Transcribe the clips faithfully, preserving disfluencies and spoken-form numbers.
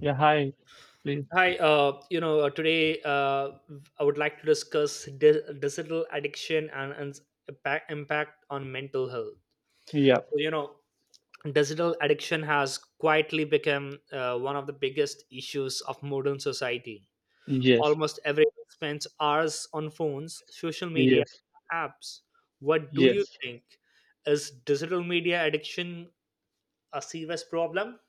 Yeah, hi, please. Hi, uh, you know, uh, today uh, I would like to discuss di- digital addiction and, and impact, impact on mental health. Yeah, So, you know, digital addiction has quietly become uh, one of the biggest issues of modern society. yes, Almost everyone spends hours on phones, social media, yes, apps. What do you yes. think? Is digital media addiction a serious problem?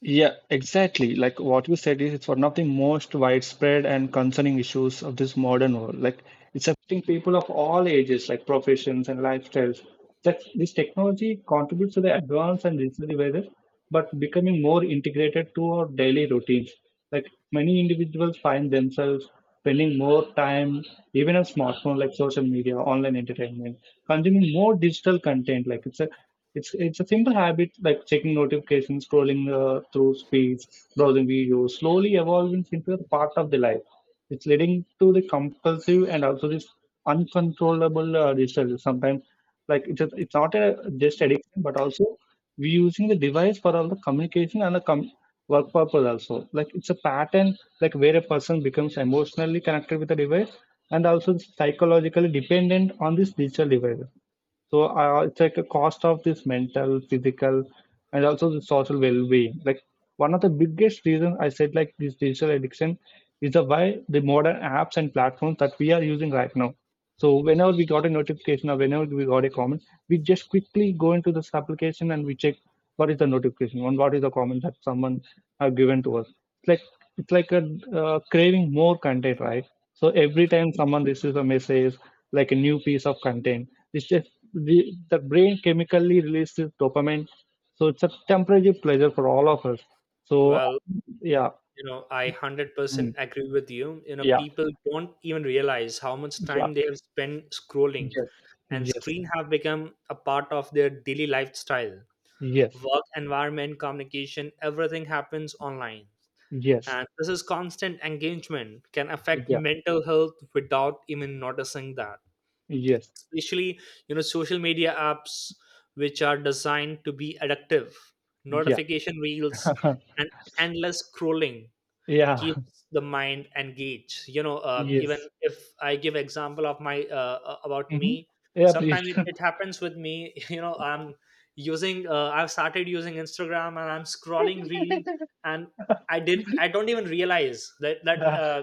Yeah, exactly. Like what you said is it's one of the most widespread and concerning issues of this modern world. Like it's affecting people of all ages, like professions and lifestyles. That this technology contributes to the advance and digital weather, but becoming more integrated to our daily routines. Like many individuals find themselves spending more time even on smartphone like social media, online entertainment, consuming more digital content. Like it's a it's it's a simple habit like checking notifications, scrolling uh, through feeds, browsing videos, slowly evolving into a part of the life. It's leading to the compulsive and also this uncontrollable uh, digital. Sometimes like it's a, it's not a just addiction, but also we're using the device for all the communication and the com- work purpose also. Like it's a pattern, like where a person becomes emotionally connected with the device and also psychologically dependent on this digital device. So uh, it's like a cost of this mental, physical, and also the social well-being. Like one of the biggest reasons I said like this digital addiction is the why the modern apps and platforms that we are using right now. So whenever we got a notification or whenever we got a comment, we just quickly go into this application and we check what is the notification and what is the comment that someone have given to us. It's like it's like a uh, craving more content, right? So every time someone receives a message, like a new piece of content, it's just the, the brain chemically releases dopamine. So it's a temporary pleasure for all of us. So Well, yeah, You know, I one hundred percent mm, agree with you. You know, yeah, people don't even realize how much yeah, time they have spent scrolling, yes, and yes, screen have become a part of their daily lifestyle. yes, Work environment, communication, everything happens online. yes, And this is constant engagement can affect yeah, mental health without even noticing that. yes, Especially, you know, social media apps which are designed to be addictive, yeah, notification reels, and endless scrolling yeah, keeps the mind engaged. You know um, even yes. if I give example of my uh, uh, about hmm me, Yeah, please. sometimes it, it happens with me. you know I'm using uh, I've started using Instagram and I'm scrolling reel, and i did I don't even realize that that Yeah. uh,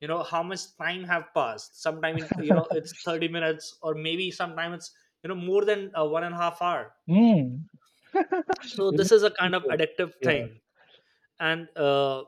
you know, how much time have passed. Sometimes you know it's thirty minutes or maybe sometimes it's, you know, more than uh, one and a half hour. Mm. So this is a kind of addictive Yeah, thing, and uh,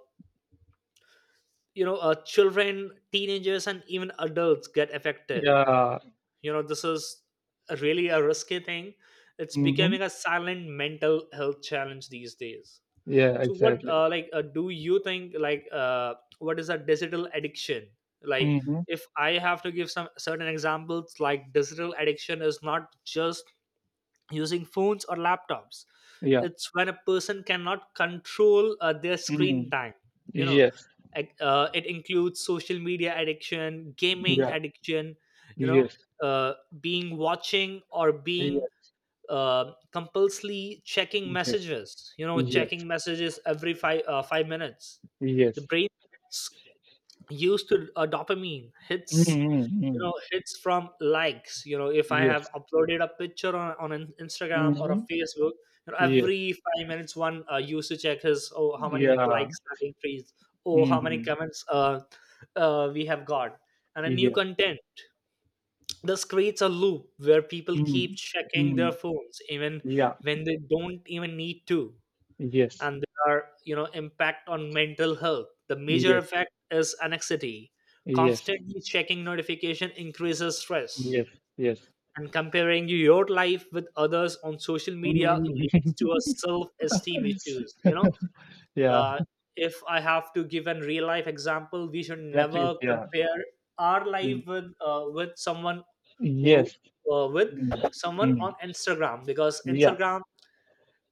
you know, uh, children, teenagers, and even adults get affected. yeah, You know, this is a really a risky thing. It's mm-hmm. becoming a silent mental health challenge these days. Yeah, So what exactly. uh, like uh, do you think like uh, what is a digital addiction? Like, Mm-hmm. if I have to give some certain examples, like digital addiction is not just using phones or laptops. Yeah. It's when a person cannot control uh, their screen Mm. time, you know. Yes. Ac- uh, it includes social media addiction, gaming Yeah. addiction, you know, Yes. uh, being watching or being Yes. uh, compulsively checking Yes. messages. You know, Yes. checking messages every five uh, five minutes, the Yes. brain gets used to uh, dopamine hits, Mhm, you mhm. know, hits from likes. You know, if I have Yes. uploaded a picture on, on an Instagram or a Mhm. Facebook, you know, Yes. every five minutes one uh, used to check his, oh how many Yeah. likes have increased, oh how many Mhm. comments uh, uh, we have got, and a new Yes. content. This creates a loop where people keep Mm. checking their Mm. phones even Yeah. when they don't even need to. Yes. And there are, you know, impact on mental health. The major Yes. effect is anxiety. Yes. Constantly checking notification increases stress, Yes. Yes. and comparing your life with others on social media Mhm. leads to a self-esteem issues, you know. Yeah. uh, if I have to give a real life example, we should Yeah. never Please. Yeah. compare our Mm. life with uh, with someone who Yes. uh, with Mm. someone on Mm. Instagram, because Yeah. Instagram,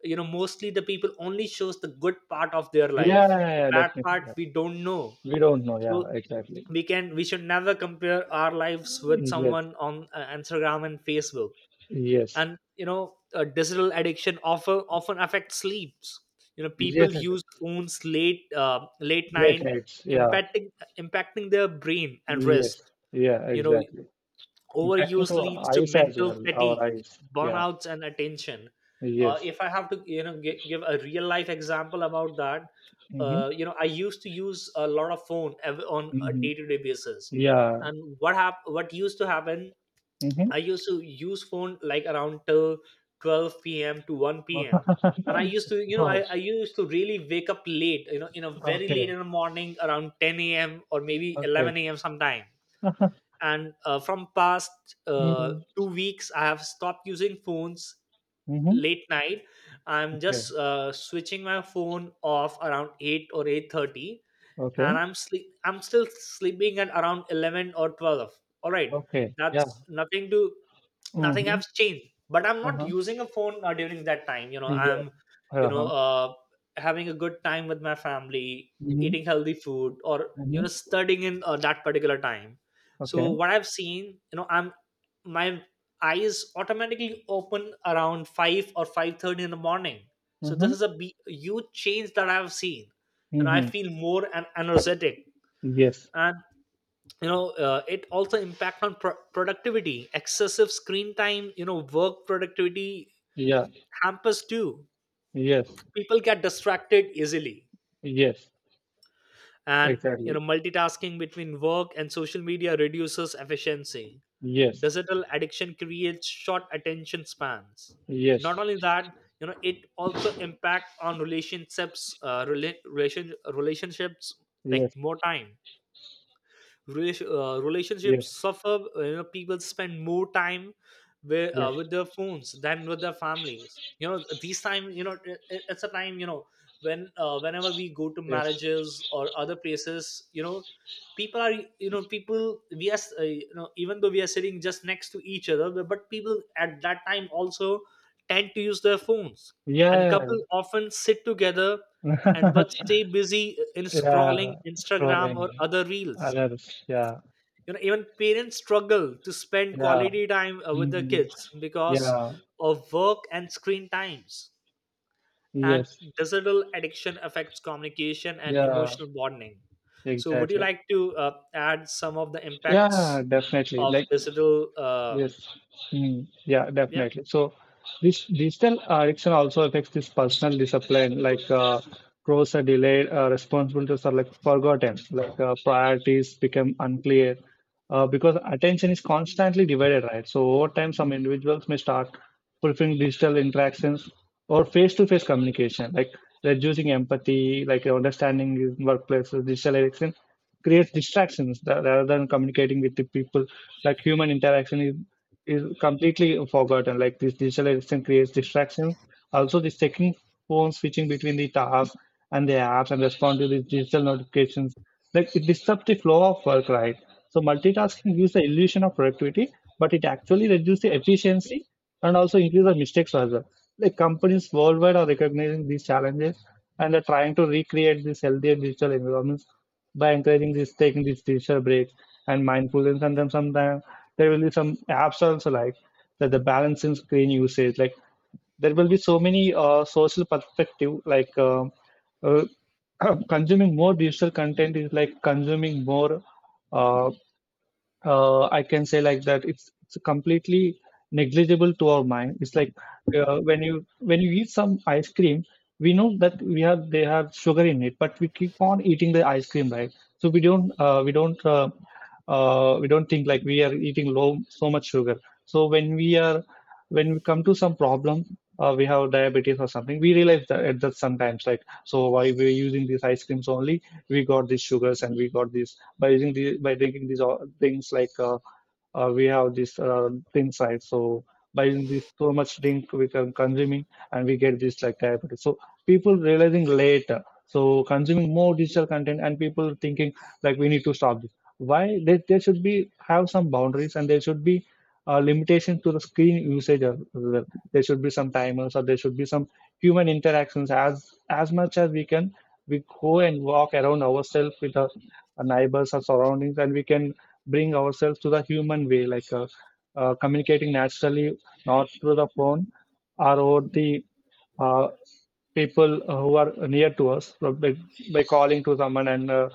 you know, mostly the people only shows the good part of their Yeah, life, yeah, yeah, the yeah, bad definitely. part Yeah. we don't know. We don't know. Yeah. So Exactly. we can we should never compare our lives with Yes. someone on uh, Instagram and Facebook. Yes. And you know, uh, digital addiction often often affects sleeps. You know, Yes. people Yes. use Yes. phones late uh, late Late night, nights. Yeah. impacting impacting their brain and Yes. rest. Yeah. You know, Exactly. overuse Technical leads to eyes as mental well. Our fatigue, eyes. Yeah. burnouts, and attention. uh, Yes. If I have to, you know, gi- give a real life example about that, Mm-hmm. uh, you know, I used to use a lot of phone ev- on a Mm-hmm. day-to-day basis. Yeah. And what hap- what used to happen, I Mm-hmm. used to use phone like around till twelve p.m. to one p.m., and I used to, you know, I, Oh, I used to really wake up late, you know, you know, very late okay. in the morning, around ten a.m. or maybe Okay. eleven a.m. sometime. And uh, from past uh, two weeks I have stopped using phones Mm-hmm. late night. I'm Okay. just uh, switching my phone off around eight or eight thirty, and Okay. i'm sleep I'm still sleeping at around eleven or twelve. All right, Okay. Yeah. that's nothing to nothing Mm-hmm. has changed, but I'm not Uh-huh. using a phone uh, during that time. You know, Yeah. I'm, you know, Uh-huh. uh, having a good time with my family, eating Mm-hmm. healthy food, or you know, Mm-hmm. studying in uh, that particular time. So Okay. what I've seen, you know, I'm my eyes automatically open around five or five thirty in the morning. So this Mm-hmm. is a be- huge change that I've seen, and I Mm-hmm. feel more and energetic. Yes. And you know, uh, it also impact on pro- productivity. Excessive screen time, you know, work productivity Yeah. hampers too. Yes. People get distracted easily, Yes. and you know, Exactly. multitasking between work and social media reduces efficiency. Yes. Digital addiction creates short attention spans. Not Yes. only that, you know, it also impact on relationships, uh, rela- relation relationships, like Yes. more time. Relation, uh, relationships Yes. suffer. uh, You know, people spend more time with uh, Yes. with their phones than with their families. You know, these time, you know, it, it- it's a time. You know, when uh, whenever we go to Yes. marriages or other places, you know, people are you know, people we are, uh, you know, even though we are sitting just next to each other, but but people at that time also tend to use their phones, and Yeah. couple often sit together and but stay busy in scrolling Yeah. Instagram or Scrolling. other reels. Others. Yeah. You know, even parents struggle to spend Yeah. quality time uh, with their kids because Yeah, of work and screen times. And yes, digital addiction affects communication and yeah, emotional bonding. So would you exactly. like to uh, add some of the Yeah, impacts definitely. of Like digital uh, Yes. Mm, yeah, yeah? definitely. So this digital addiction also affects this personal discipline, like uh, growth are delayed, uh, responsibilities are like forgotten, like uh, priorities become unclear uh, because attention is constantly divided, right? So over time, some individuals may start fulfilling digital interactions or face-to-face communication, like reducing empathy, like understanding in workplaces, digital addiction creates distractions tha- rather than communicating with the people. Like human interaction is, is completely forgotten. Like this digital addiction creates distractions. Also, the taking phone switching between the tasks and the apps and respond to these digital notifications. Like it disrupts the flow of work, right? So multitasking gives the illusion of productivity, but it actually reduces the efficiency and also increase the mistakes as well. Like companies worldwide are recognizing these challenges and are trying to recreate these healthier digital environments by encouraging this, taking these digital breaks and mindfulness. And then sometimes there will be some apps also like that the balance in screen usage. Like there will be so many uh, social perspective. Like um uh, Consuming more digital content is like consuming more. Uh, uh, I can say like that it's it's completely negligible to our mind. It's like uh, when you when you eat some ice cream, we know that we have they have sugar in it, but we keep on eating the ice cream, right? So we don't uh, we don't uh, uh, we don't think like we are eating low so much sugar. So when we are when we come to some problem. Uh, we have diabetes or something. We realize that, that sometimes, like, so why we're using these ice creams only? We got these sugars and we got these by using the by drinking these uh, things like uh, uh, we have these uh, things, right? So by using this so much drink we can consuming and we get this like diabetes. So people realizing later. So consuming more digital content and people thinking like we need to stop this. Why they, they should be have some boundaries and there should be uh, limitation to the screen usage as well. There should be some timers or there should be some human interactions. As as much as we can, we go and walk around ourselves with a our neighbors, our surroundings, and we can bring ourselves to the human way, like uh, uh, communicating naturally, not through the phone or over the uh, people who are near to us uh, by, by calling to someone and uh,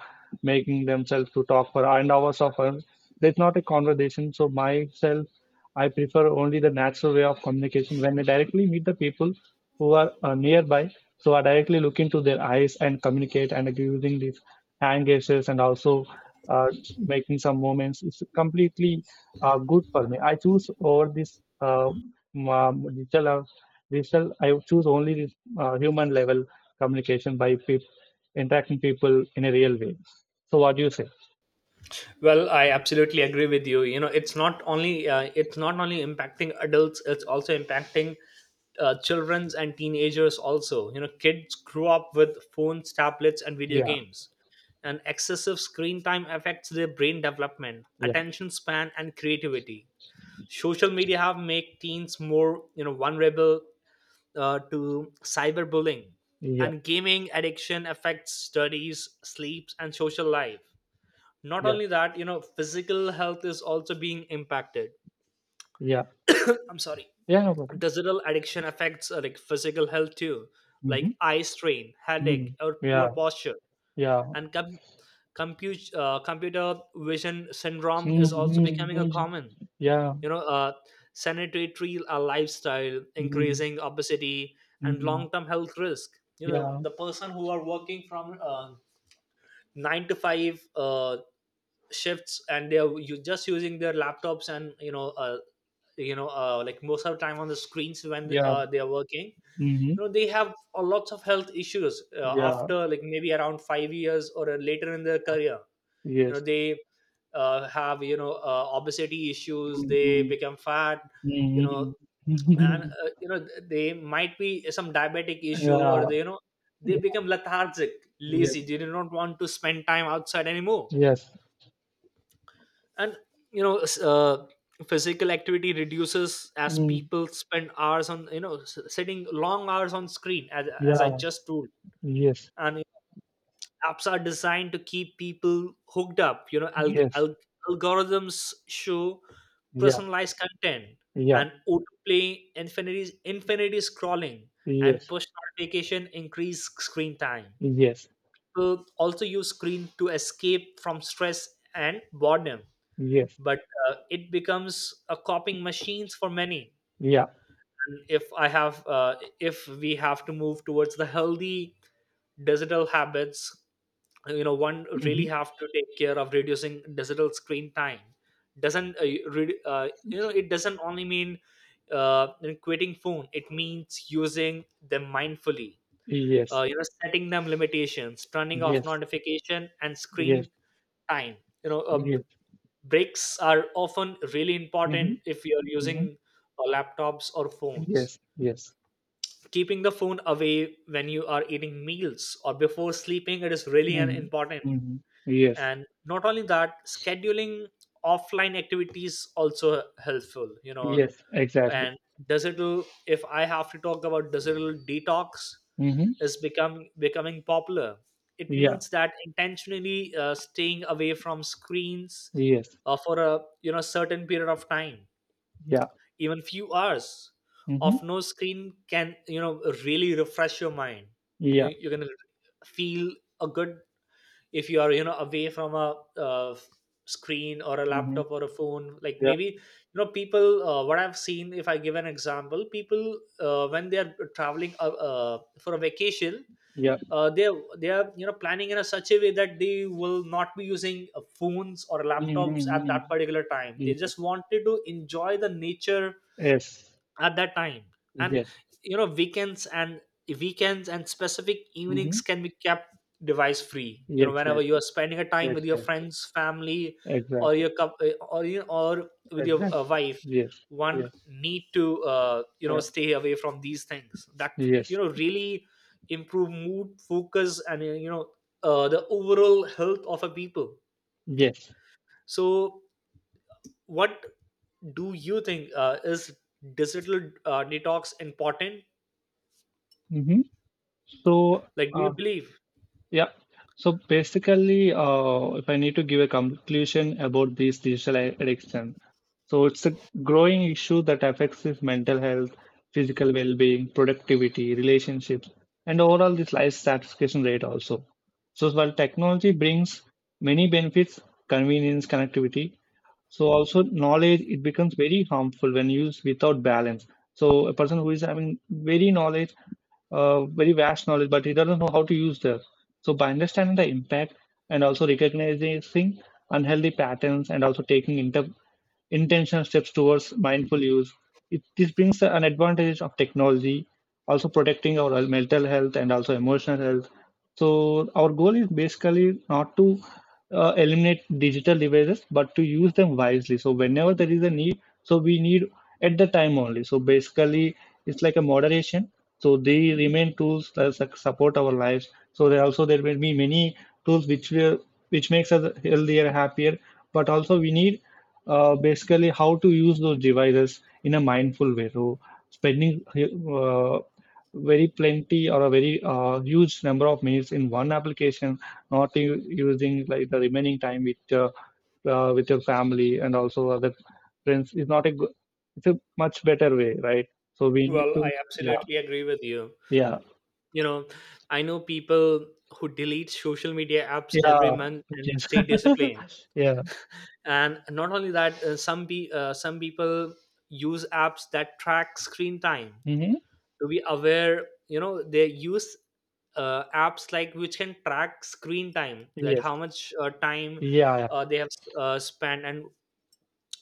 making themselves to talk for and hours of uh, it's not a conversation. So myself, I prefer only the natural way of communication when I directly meet the people who are uh, nearby. So I directly look into their eyes and communicate and using the hand gestures and also uh, making some movements. It's completely uh, good for me. I choose over this uh, m- um, digital uh, digital. I would choose only this uh, human level communication by peop interacting people in a real way. So what do you say? Well, I absolutely agree with you. You know, it's not only uh, it's not only impacting adults; it's also impacting uh, childrens and teenagers. Also, you know, kids grew up with phones, tablets, and video Yeah, games, and excessive screen time affects their brain development, yeah, attention span, and creativity. Social media have make teens more, you know, vulnerable uh, to cyberbullying, yeah, and gaming addiction affects studies, sleeps, and social life. Not yeah, only that, you know, physical health is also being impacted. yeah, I'm sorry. yeah, no problem. Digital addiction affects uh, like physical health too, Hmm. like eye strain, Hmm. headache, or poor Yeah, posture. yeah, And com- compute, uh, computer vision syndrome is also becoming a mm-hmm, common. yeah, You know, uh, sanitary uh, lifestyle, mm-hmm. increasing obesity, and Mm-hmm. long-term health risk. You know, Yeah, the person who are working from uh, nine to five uh, shifts, and they are you just using their laptops, and you know, uh, you know uh, like most of the time on the screens when yeah, uh, they are working, you mm-hmm, know, they have a lots of health issues uh, yeah, after like maybe around five years or uh, later in their career. You know, yes. they uh, have, you know, uh, obesity issues, they Mm-hmm. become fat, you know. Mm. And uh, you know, they might be some diabetic issue, or Yeah, they, you know, they yeah, become lethargic, yes, lazy, they do not want to spend time outside anymore. yes, And you know, s- uh, physical activity reduces as mm, people spend hours on, you know, s- sitting long hours on screen, as, as I yeah, just told. yes, And apps are designed to keep people hooked up, you know, alg- yes, alg- algorithms show yeah, personalized content yeah, and autoplay infinity infinity scrolling and yes, push notification increase screen time. yes, People also use screen to escape from stress and boredom, yes, but uh, it becomes a coping machines for many. yeah, if i have uh, if we have to move towards the healthy digital habits, you know, one really hmm have to take care of reducing digital screen time. Doesn't uh, re- uh, You know, it doesn't only mean, uh, you know, quitting phone. It means using them mindfully, uh, yes, you know, setting them limitations, turning off yes, notification and screen yes, time. You know, uh, yes, breaks are often really hmm important if you're hmm using uh, laptops or phones. yes, yes, Keeping the phone away when you are eating meals or before sleeping, it is really an mm, important. hmm yes, And not only that, scheduling offline activities also helpful, you know. yes, exactly, And digital if I have to talk about digital detox, hmm is become becoming popular. It yeah, means that intentionally uh, staying away from screens yes, uh, for a, you know, certain period of time. yeah, Even few hours hmm of no screen can, you know, really refresh your mind. yeah, you, You're gonna feel a good if you are, you know, away from a uh, screen or a hmm laptop or a phone. Like, yeah, maybe, you know, people, uh, what I've seen, if I give an example, people uh, when they are traveling uh, uh, for a vacation, yeah, uh, they are- they are, you know, planning in a such a way that they will not be using uh, phones or mm, laptops at that mm, particular time. They mm, just wanted to enjoy the nature yes, at that time. And yes, you know, weekends and weekends and specific evenings hmm can be kept device free, you know, whenever you are exactly. spending a time with your Exactly. friends, family, or Exactly. your cou- uh, or you or with your uh, Exactly. wife. Yes. One Yes. need to, uh, you know, Yeah. stay away from these things that, you Yes. know, really improve mood, focus, and uh, you know, uh, the overall health of a people. Yes. So what do you think, uh, is digital uh, detox important? Mm-hmm. So, Like, do uh, you believe? yeah. So basically, uh, if I need to give a conclusion about this digital a- addiction, so it's a growing issue that affects his mental health, physical well-being, productivity, relationships, and overall this life satisfaction rate also. So while technology brings many benefits, convenience, connectivity, so also knowledge, it becomes very harmful when used without balance. So a person who is having very knowledge uh, very vast knowledge but he doesn't know how to use that. So by understanding the impact and also recognizing unhealthy patterns and also taking inter- intentional steps towards mindful use. It, this brings an advantage of technology, also protecting our mental health and also emotional health. So our goal is basically not to uh, eliminate digital devices, but to use them wisely. So whenever there is a need, so we need at the time only. So basically, it's like a moderation. So they remain tools that su- support our lives. So there also there will be many tools which will which makes us healthier, happier. But also we need uh, basically how to use those devices in a mindful way. So spending uh, very plenty or a very uh, huge number of minutes in one application, not u- using like the remaining time with uh, uh, with your family and also other friends is not a good. It's a much better way, right? So we need Well, to. I Yeah. absolutely agree with you. Yeah. You know, I know people who delete social media apps Yeah. every month and Yes. stay disciplined. Yeah. And not only that, uh, some be uh, some people use apps that track screen time hmm to be aware. You know, they use uh, apps like which can track screen time, that Yes. how much uh, time Yeah. Yeah. uh, they have uh, spent, and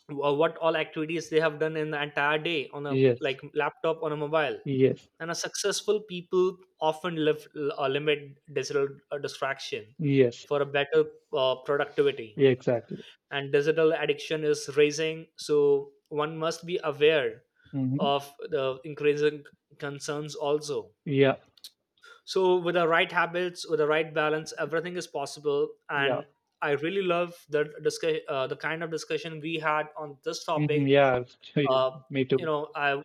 wha- what all activities they have done in the entire day on a Yes. like laptop on a mobile. Yes. And a successful people often live, uh, limit digital uh, distraction Yes. for a better uh, productivity. Exactly. And digital addiction is rising, so one must be aware hmm of the increasing concerns also. So with the right habits, with the right balance, everything is possible. Yeah. And I really love the discuss uh, the kind of discussion we had on this topic. Mhm. Yeah. so you- uh, Me you too. know, I,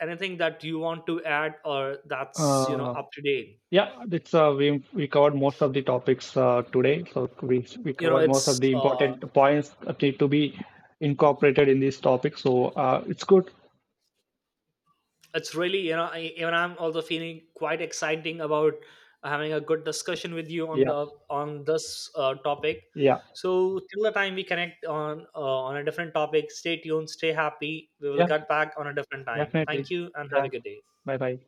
anything that you want to add, or that's, you know, Uh, up to date? yeah. It's uh, we we covered most of the topics uh, today. So we we you know covered most it's of the uh, important points that need to be incorporated in this topic. So uh, it's good. it's really, you know, I, even I'm also feeling quite exciting about having a good discussion with you on Yeah. the on this uh, topic. Yeah. So till the time we connect on uh, on a different topic, stay tuned, stay happy, we will Yeah. get back on a different time. Thank Definitely. you and have a Yeah. good day. Bye bye.